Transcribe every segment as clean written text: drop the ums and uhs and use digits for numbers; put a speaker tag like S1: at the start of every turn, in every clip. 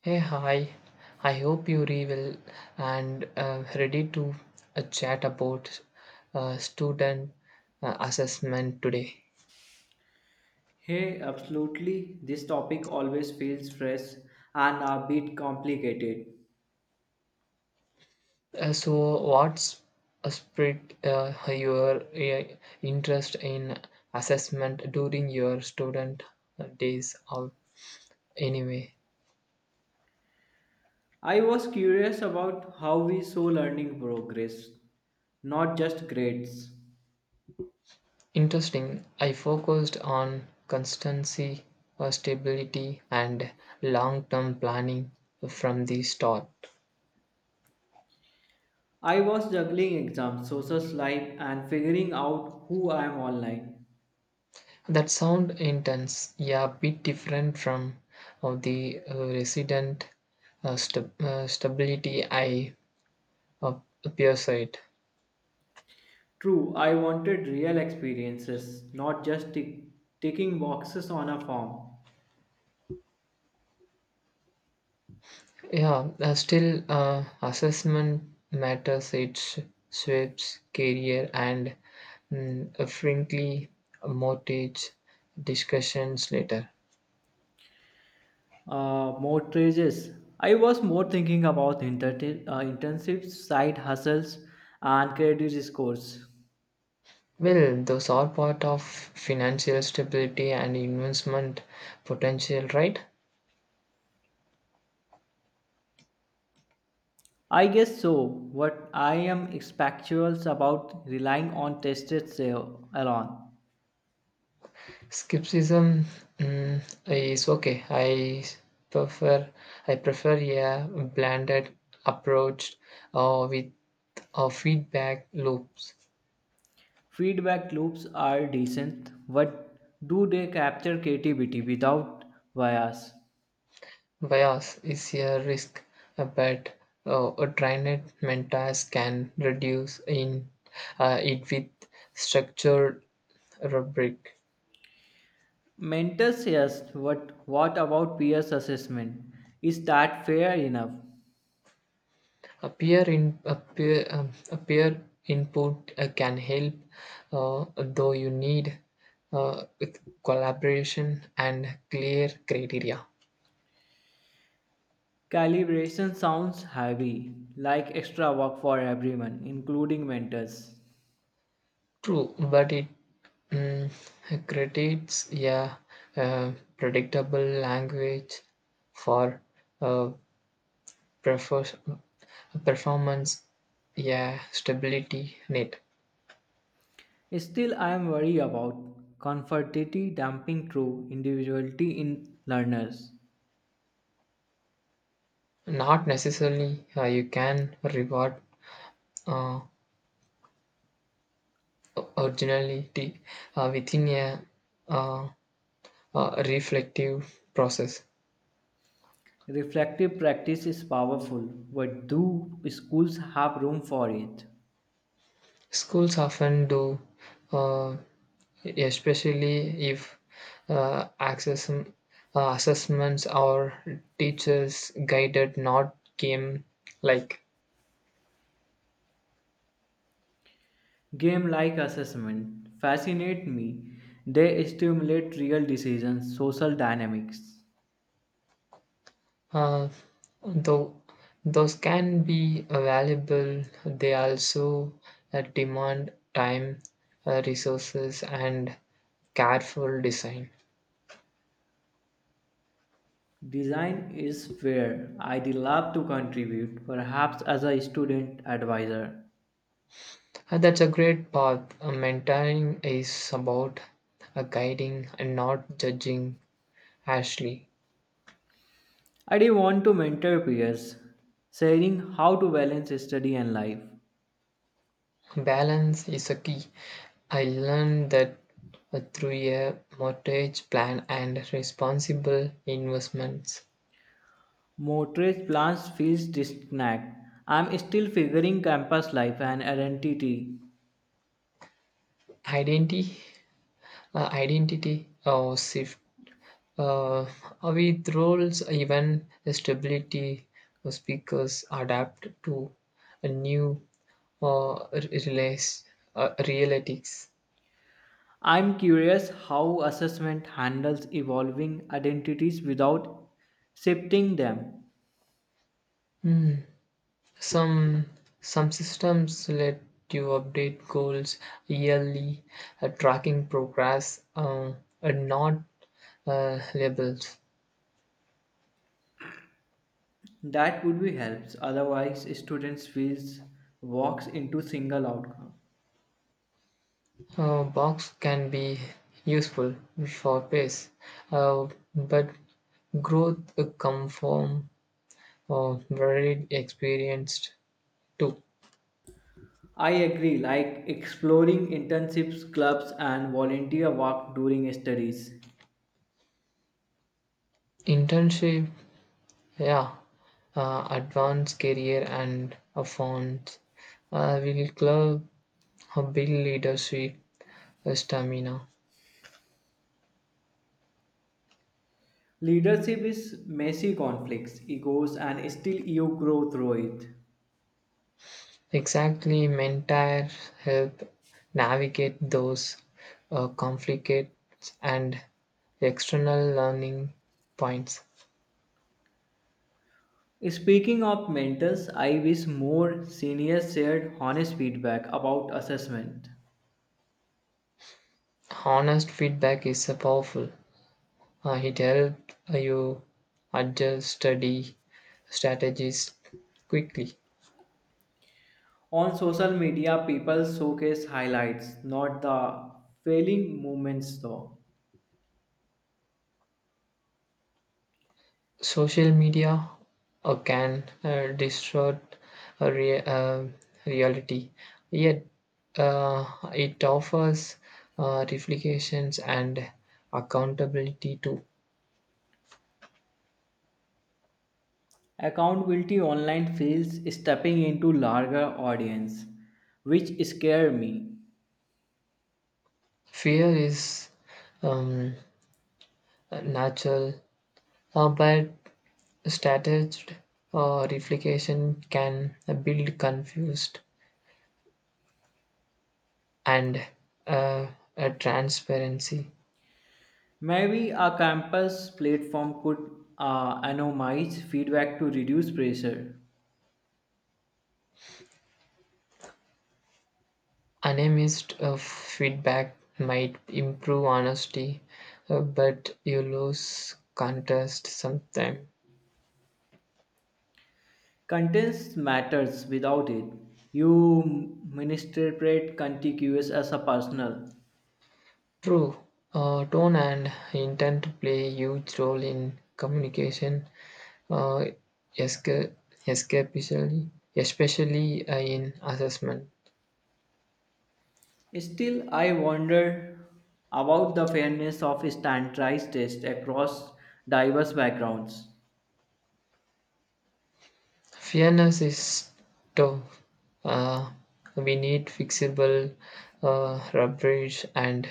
S1: Hey, hi. I hope you're well and ready to chat about student assessment today.
S2: Hey, absolutely. This topic always feels fresh and a bit complicated.
S1: So, what's spread your interest in assessment during your student days out anyway?
S2: I was curious about how we saw learning progress, not just grades.
S1: Interesting. I focused on constancy, stability, and long term planning from the start.
S2: I was juggling exams, social life, and figuring out who I am online.
S1: That sound intense, yeah, bit different from of the resident stability I uh, peer site.
S2: True, I wanted real experiences, not just ticking boxes on a form.
S1: Yeah, still assessment matters. Its shapes career and frankly mortgage discussions later.
S2: Mortgages. I was more thinking about intensive side hustles and credit scores.
S1: Well, those are part of financial stability and investment potential, right?
S2: I guess so. What I am expectuals about relying on tested sale alone.
S1: Skepticism is okay. Prefer I prefer a blended approach with feedback loops.
S2: Feedback loops are decent, but do they capture creativity without bias?
S1: Bias is a risk, but a trained mentors can reduce in it with structured rubric.
S2: Mentors, yes, but what about peers assessment? Is that fair enough?
S1: A peer in a peer input can help, though you need with collaboration and clear criteria.
S2: Calibration sounds heavy, like extra work for everyone, including mentors.
S1: True, but it mm, creates a predictable language for uh, prefer- performance, yeah stability net.
S2: Still, I am worried about conformity damping through individuality in learners.
S1: Not necessarily you can reward uh, originality within a uh, reflective process.
S2: Reflective practice is powerful, but do schools have room for it?
S1: Schools often do, uh, especially if uh, access, uh, assessments or teachers guided not game like.
S2: Game like assessment fascinate me. They stimulate real decisions, social dynamics.
S1: Uh, though those can be valuable, they also demand time, resources, and careful design.
S2: Design is where I'd love to contribute, perhaps as a student advisor.
S1: That's a great path. Mentoring is about guiding and not judging Ashley.
S2: I do want to mentor peers, sharing how to balance study and life.
S1: Balance is a key. I learned that through a mortgage plan and responsible investments.
S2: Motorist plans feels disconnect. I'm still figuring campus life and identity.
S1: Identity, identity or shift. Uh, with roles, even stability, speakers adapt to a new uh, realize, realities.
S2: I'm curious how assessment handles evolving identities without shifting them.
S1: Some some systems let you update goals yearly, tracking progress, and not labels.
S2: That would be helps. Otherwise, students feels walks into single outcome.
S1: Box can be useful for pace, uh, but growth come from varied experience too.
S2: I agree, like exploring internships, clubs, and volunteer work during studies.
S1: Internship, yeah, advanced career and a font will club build leadership stamina.
S2: Leadership is messy conflicts, egos, and still you grow through it.
S1: Exactly, mentors help navigate those conflicts and external learning points.
S2: Speaking of mentors, I wish more seniors shared honest feedback about assessment.
S1: Honest feedback is powerful. It helps you adjust study strategies quickly.
S2: On social media, people showcase highlights, not the failing moments though.
S1: Social media can distort a rea- uh, reality, yet uh, it offers reflections and accountability too.
S2: Accountability online feels stepping into larger audience, which scare me.
S1: Fear is um, natural, but staged reflection can build confused and uh, a transparency.
S2: Maybe a campus platform could anonymize feedback to reduce pressure.
S1: Unamazed feedback might improve honesty, but you lose contest sometime.
S2: Contents matters without it. You misinterpret contiguous as a personal.
S1: True, tone and intent play a huge role in communication, uh, esca- especially, especially in assessment.
S2: Still, I wonder about the fairness of standardized tests across diverse backgrounds.
S1: Fairness is tough. Uh, we need fixable rubbish and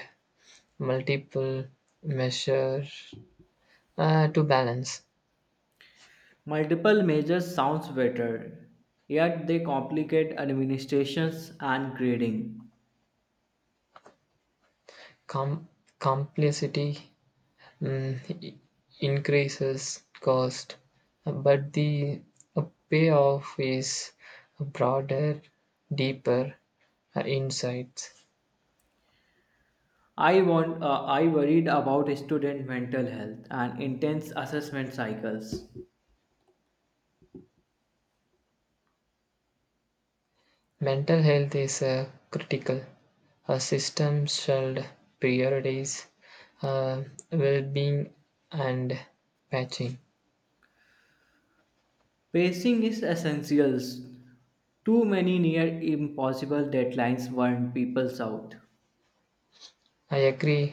S1: multiple measures to balance
S2: Multiple measures sounds better, yet they complicate administrations and grading.
S1: com- complexity mm, increases cost but the uh, payoff is broader deeper insights.
S2: I worried about student mental health and intense assessment cycles.
S1: Mental health is critical. A system should prioritize uh, well-being and patching.
S2: Pacing is essential. Too many near impossible deadlines burn people out.
S1: I agree,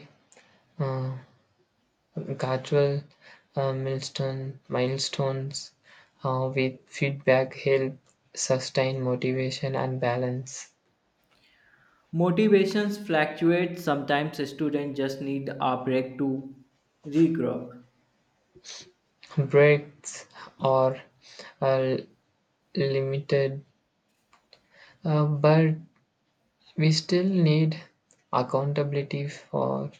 S1: uh, gradual milestones with feedback help sustain motivation and balance.
S2: Motivations fluctuate. Sometimes students just need a break to regroup.
S1: Breaks are uh, limited, but we still need accountability for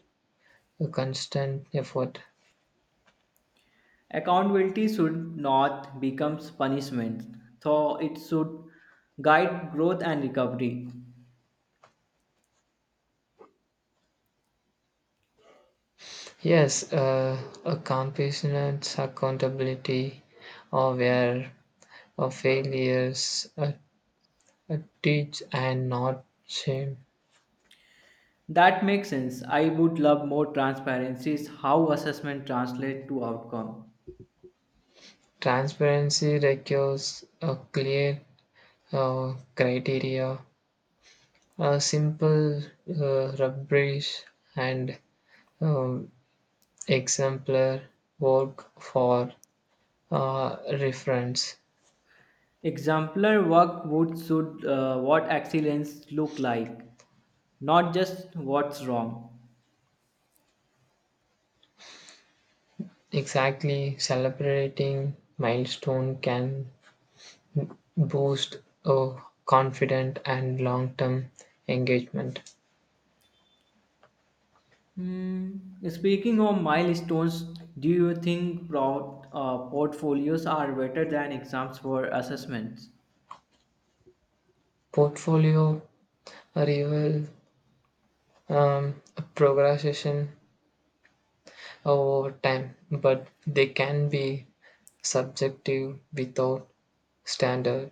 S1: a constant effort.
S2: Accountability should not become punishment, though it should guide growth and recovery.
S1: Yes, a compassionate accountability or where of failures uh, teach and not shame.
S2: That makes sense. I would love more transparency is how assessment translate to outcome.
S1: Transparency requires a clear criteria, a simple rubrics, and um, exemplar work for reference.
S2: Exemplar work would should what excellence look like, not just what's wrong.
S1: Exactly, celebrating milestone can boost confident and long-term engagement.
S2: Hmm. Speaking of milestones, do you think portfolios are better than exams for assessments?
S1: Portfolio reveal um, progression over time, but they can be subjective without standard.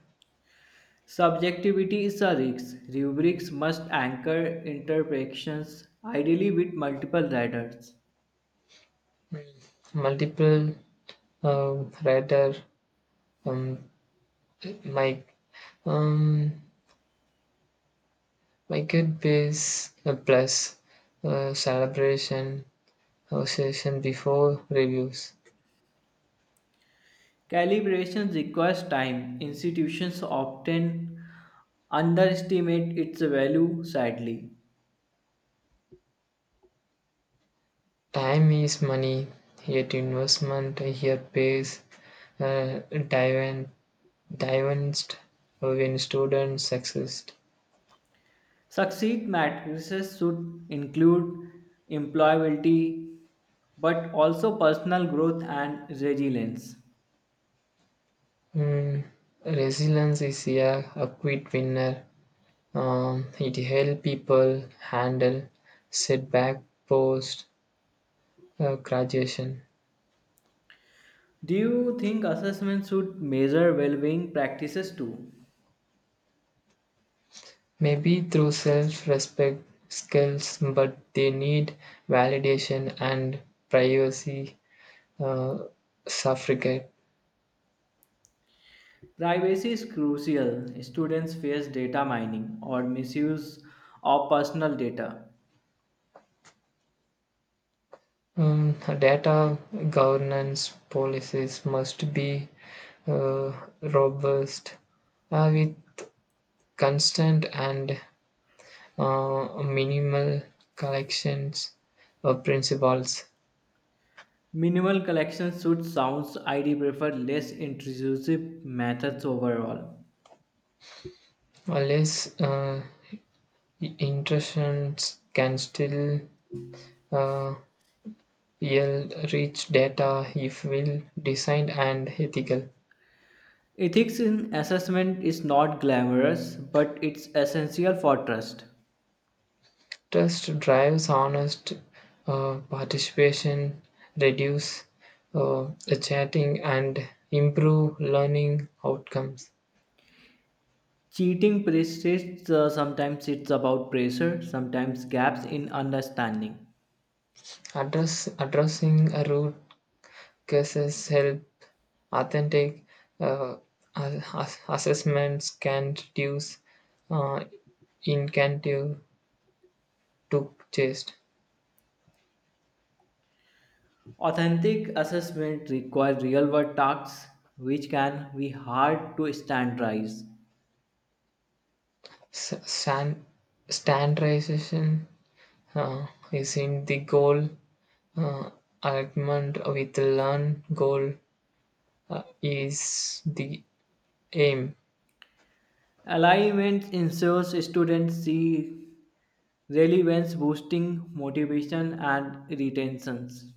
S2: Subjectivity is a risk. Rubrics must anchor interpretations, ideally with multiple readers.
S1: Multiple radar um, mic um, market base plus celebration association before reviews.
S2: Calibration requires time. Institutions often underestimate its value, sadly.
S1: Time is money, yet investment here pays uh, dividend- dividends when students succeed.
S2: Succeed matrices should include employability but also personal growth and resilience.
S1: Mm, resilience is a quick winner. It helps people handle setback post graduation.
S2: Do you think assessment should measure well being practices too?
S1: Maybe through self-respect skills, but they need validation and privacy uh, suffragette.
S2: Privacy is crucial. Students face data mining or misuse of personal data.
S1: Data governance policies must be uh, robust with constant and minimal collections of principles.
S2: Minimal collection should sounds ID prefer less intrusive methods overall.
S1: Less intrusions can still uh, yield rich data if well designed and ethical.
S2: Ethics in assessment is not glamorous, but it's essential for trust.
S1: Trust drives honest participation, reduce uh, chatting, and improve learning outcomes.
S2: Cheating persists, sometimes it's about pressure, sometimes gaps in understanding.
S1: Addressing root causes help. Authentic uh, assessments can reduce uh, incentive to just.
S2: Authentic assessment require real-world tasks, which can be hard to standardize.
S1: S- san- Standardization is in the goal, uh, alignment with the learn goal is the aim.
S2: Alignment ensures students see relevance boosting motivation and retentions.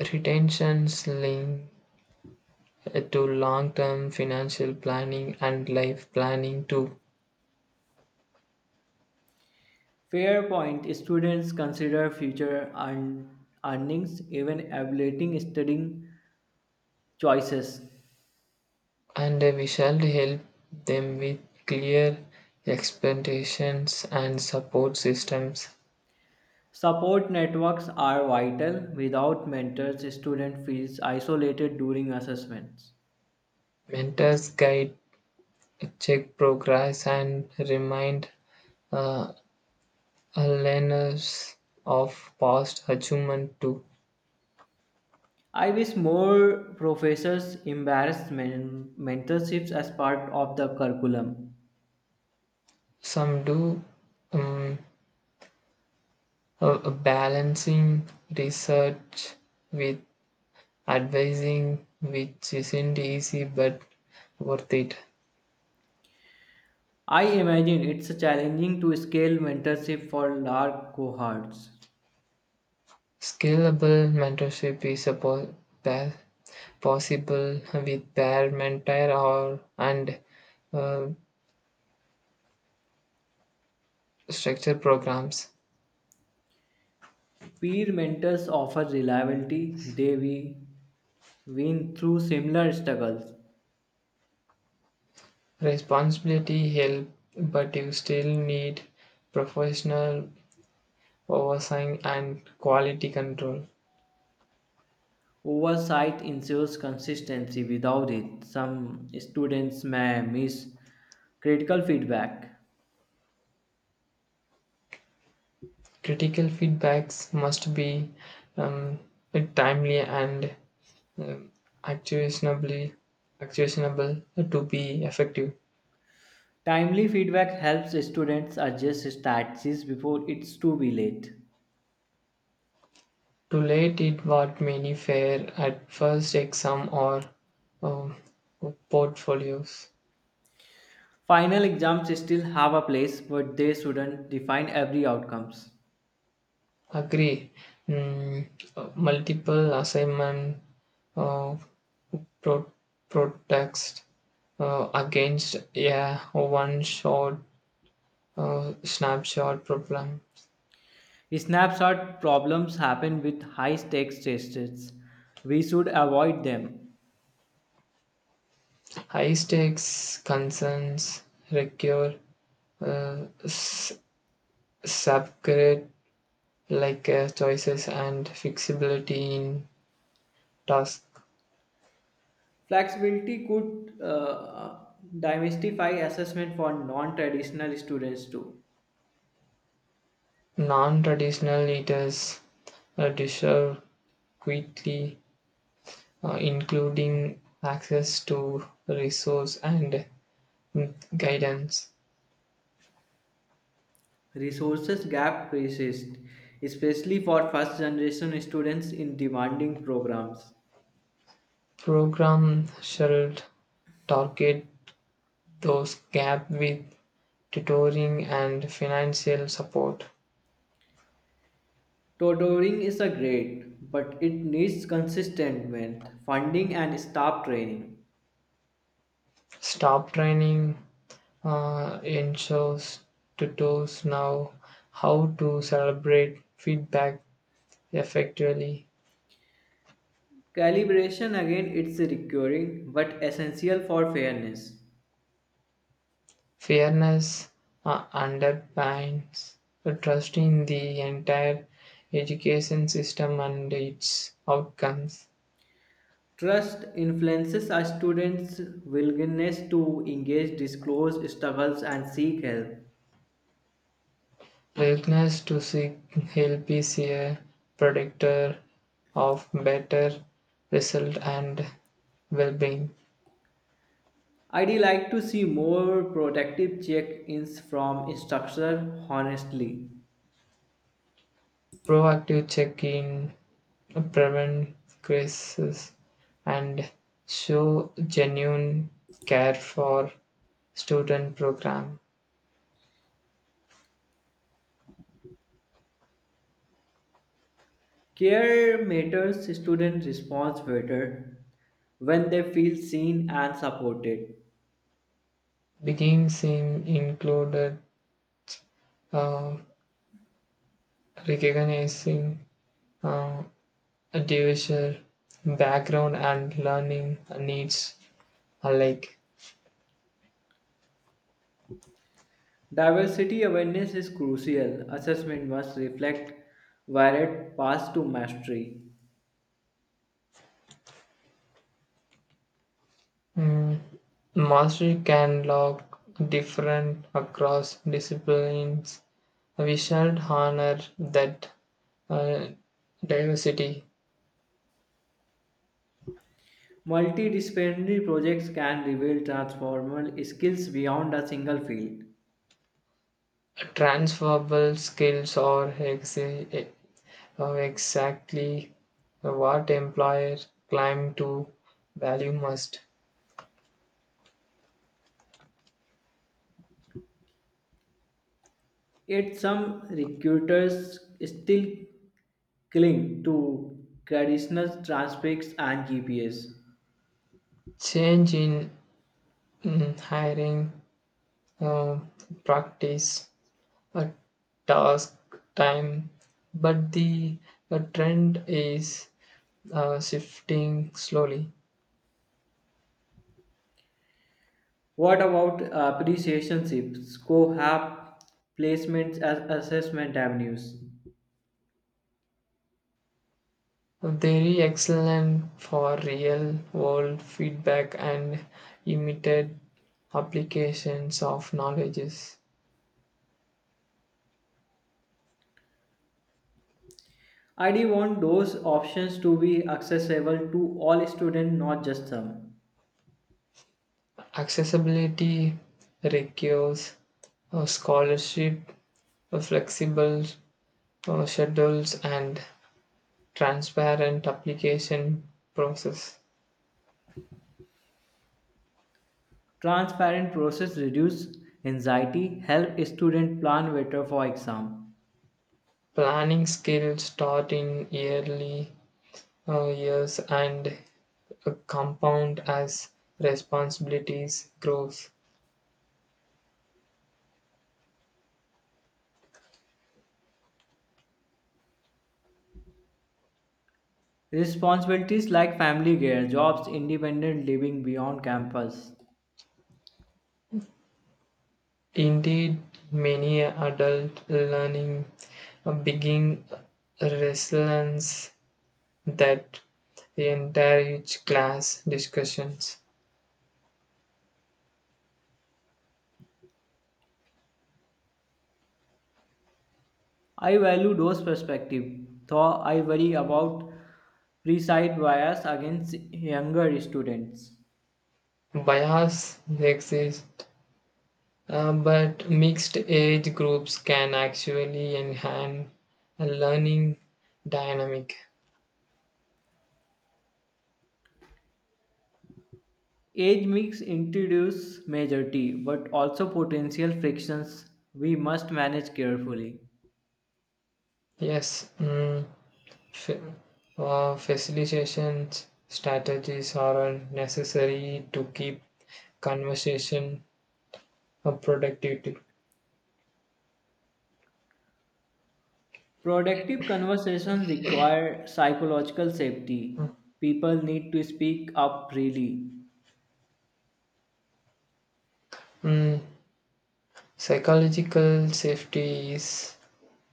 S1: Retentions link to long-term financial planning and life planning too.
S2: Fair point, students consider future earnings even evaluating studying choices.
S1: And we shall help them with clear expectations and support systems.
S2: Support networks are vital without mentors student feels isolated during assessments.
S1: Mentors guide, check progress, and remind uh, learners of past achievement too.
S2: I wish more professors embraced mentorships as part of the curriculum.
S1: Some do, um, balancing research with advising, which isn't easy but worth it.
S2: I imagine it's challenging to scale mentorship for large cohorts.
S1: Scalable mentorship is pa- possible with pair mentor or and uh, structured programs.
S2: Peer mentors offer reliability they we win through similar struggles.
S1: Responsibility help, but you still need professional oversight and quality control.
S2: Oversight ensures consistency. Without it, some students may miss critical feedback.
S1: Critical feedbacks must be um, timely and um, actionably actionable to be effective.
S2: Timely feedback helps students adjust strategies before it's too be late.
S1: To late it what many fear at first exam or uh, portfolios.
S2: Final exams still have a place, but they shouldn't define every outcomes.
S1: Agree. Mm, Multiple assignment uh, pro- protest against yeah one short snapshot problem.
S2: Snapshot problems happen with high stakes tests. We should avoid them.
S1: High stakes concerns require uh, s- subgrade like choices and flexibility in task.
S2: Flexibility could demystify assessment for non traditional students too.
S1: Non-traditional eaters deserve quickly, including access to resource and guidance.
S2: Resources gap persists, especially for first generation students in demanding programs.
S1: Program should target those gap with tutoring and financial support.
S2: Tutoring is a great, but it needs consistent with funding and staff training.
S1: Stop training ensures tutors know how to celebrate feedback effectively.
S2: Calibration again it's recurring but essential for fairness.
S1: Fairness underpins the trust in the entire education system and its outcomes.
S2: Trust influences our students' willingness to engage, disclose struggles, and seek help.
S1: Willingness to seek help is a predictor of better result and well-being.
S2: I'd like to see more protective check-ins from instructors, honestly.
S1: Proactive check-in prevent crises and show genuine care for student program.
S2: Care matters student response better when they feel seen and supported.
S1: Beginnings in included uh, recognizing uh, a diverse background and learning needs alike.
S2: Diversity awareness is crucial. Assessment must reflect varied paths to mastery.
S1: Mm, mastery can look different across disciplines. We should honor that uh, diversity.
S2: Multidisciplinary projects can reveal transformational skills beyond a single field.
S1: Transferable skills are exactly what employers claim to value most.
S2: Yet some recruiters still cling to traditional transcripts and GPS.
S1: Change in hiring, um, practice, a task, time, but the trend is shifting slowly.
S2: What about apprenticeships, co-op placements as assessment avenues?
S1: Very excellent for real world feedback and immediate applications of knowledges.
S2: I D want those options to be accessible to all students, not just some.
S1: Accessibility requires scholarship, flexible schedules, and transparent application process.
S2: Transparent process reduce anxiety, help student plan better for exam.
S1: Planning skills start in early years and compound as responsibilities grows.
S2: Responsibilities like family care, jobs, independent living beyond campus.
S1: Indeed, many adult learning begin resilience that encourage class discussions.
S2: I value those perspective, though I worry about preside bias against younger students.
S1: Bias exist. But mixed age groups can actually enhance a learning dynamic.
S2: Age mix introduce majority, but also potential frictions we must manage carefully.
S1: Yes, fa- facilitation strategies are necessary to keep conversation productivity.
S2: Productive conversations require psychological safety. People need to speak up freely.
S1: Mm, psychological safety is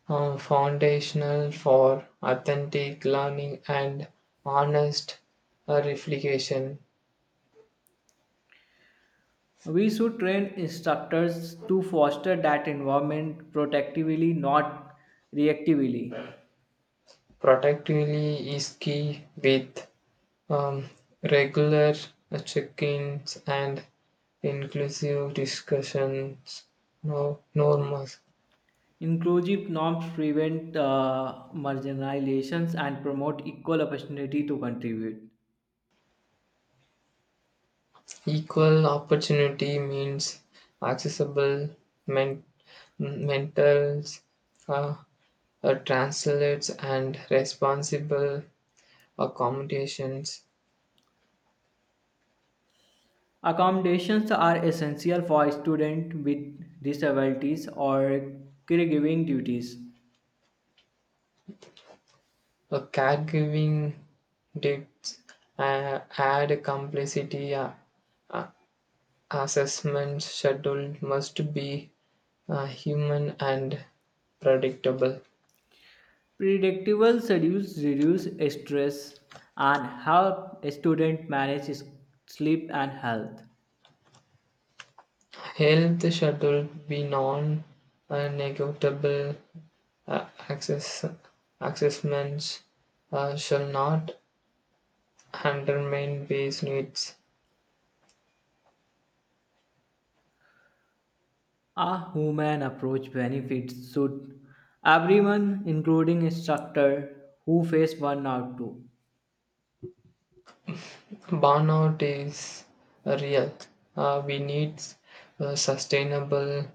S1: foundational for authentic learning and honest reflection.
S2: We should train instructors to foster that environment protectively, not reactively.
S1: Productively is key with um, regular check-ins and inclusive discussions no norms.
S2: Inclusive norms prevent marginalizations and promote equal opportunity to contribute.
S1: Equal opportunity means accessible men- mentals uh, translates and responsible accommodations.
S2: Accommodations are essential for students with disabilities or caregiving duties.
S1: A caregiving dips add complexity. Uh, Assessment schedule must be human and predictable.
S2: Predictable schedules reduce stress and help students manage sleep and health.
S1: Health schedule be non-negotiable. Negotiable. Access assessments shall not undermine base needs.
S2: A human approach benefits should everyone, including instructor who face burnout too.
S1: Burnout is real. We need sustainable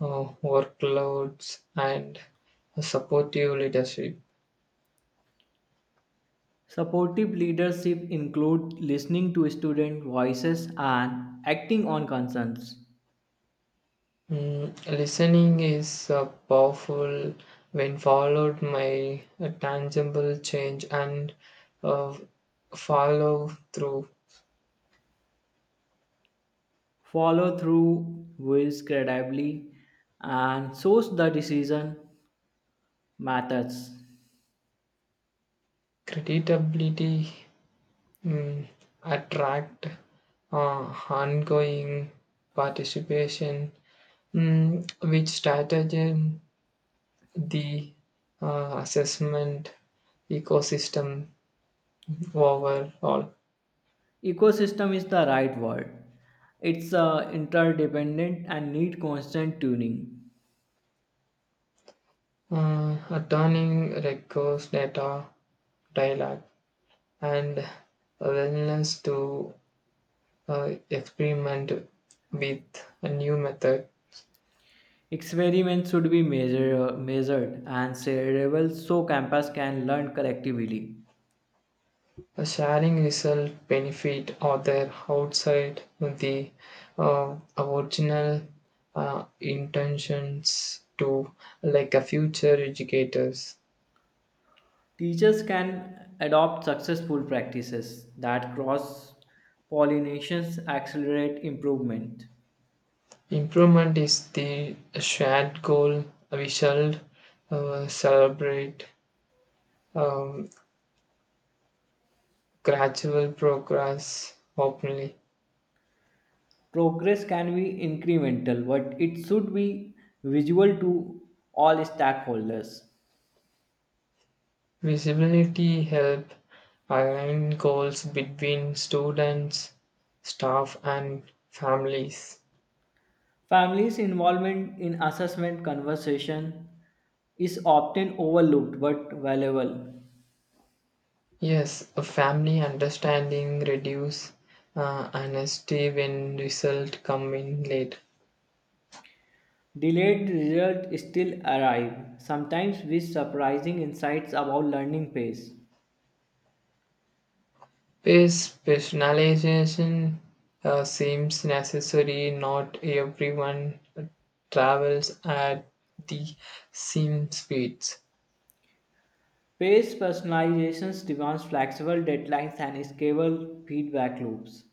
S1: workloads and supportive leadership.
S2: Supportive leadership includes listening to student voices and acting on concerns.
S1: Mm, listening is powerful when followed by a tangible change and uh, follow through.
S2: Follow through wills credibly and shows the decision methods.
S1: Creditability mm, attract ongoing participation, which strategy the assessment ecosystem overall.
S2: Ecosystem is the right word. It's interdependent and need constant tuning.
S1: Turning records data dialogue and a willingness to experiment with a new method.
S2: Experiments should be measured and shareable so campus can learn collectively.
S1: A sharing result benefit or their outside the original intentions to like a future educators.
S2: Teachers can adopt successful practices that cross pollinations accelerate improvement.
S1: Improvement is the shared goal. We shall celebrate um, gradual progress openly.
S2: Progress can be incremental, but it should be visual to all stakeholders.
S1: Visibility help align goals between students, staff, and families.
S2: Families' involvement in assessment conversation is often overlooked but valuable.
S1: Yes, a family understanding reduce honesty when result come in late.
S2: Delayed results still arrive, sometimes with surprising insights about learning pace.
S1: Pace personalization seems necessary. Not everyone travels at the same speeds.
S2: Pace personalizations demands flexible deadlines and scalable feedback loops.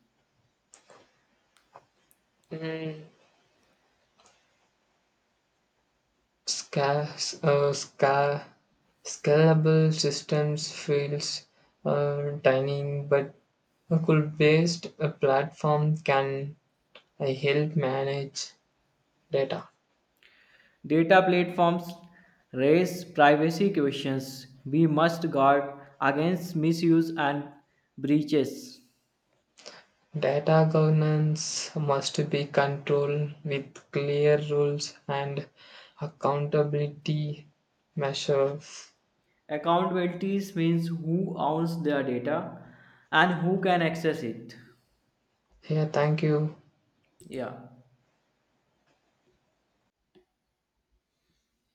S1: Sca- uh, sca- Scalable systems feels tiny, but a Google-based platform can help manage data.
S2: Data platforms raise privacy questions. We must guard against misuse and breaches.
S1: Data governance must be controlled with clear rules and accountability measures.
S2: Accountabilities means who owns their data and who can access it.
S1: Yeah, thank you.
S2: Yeah.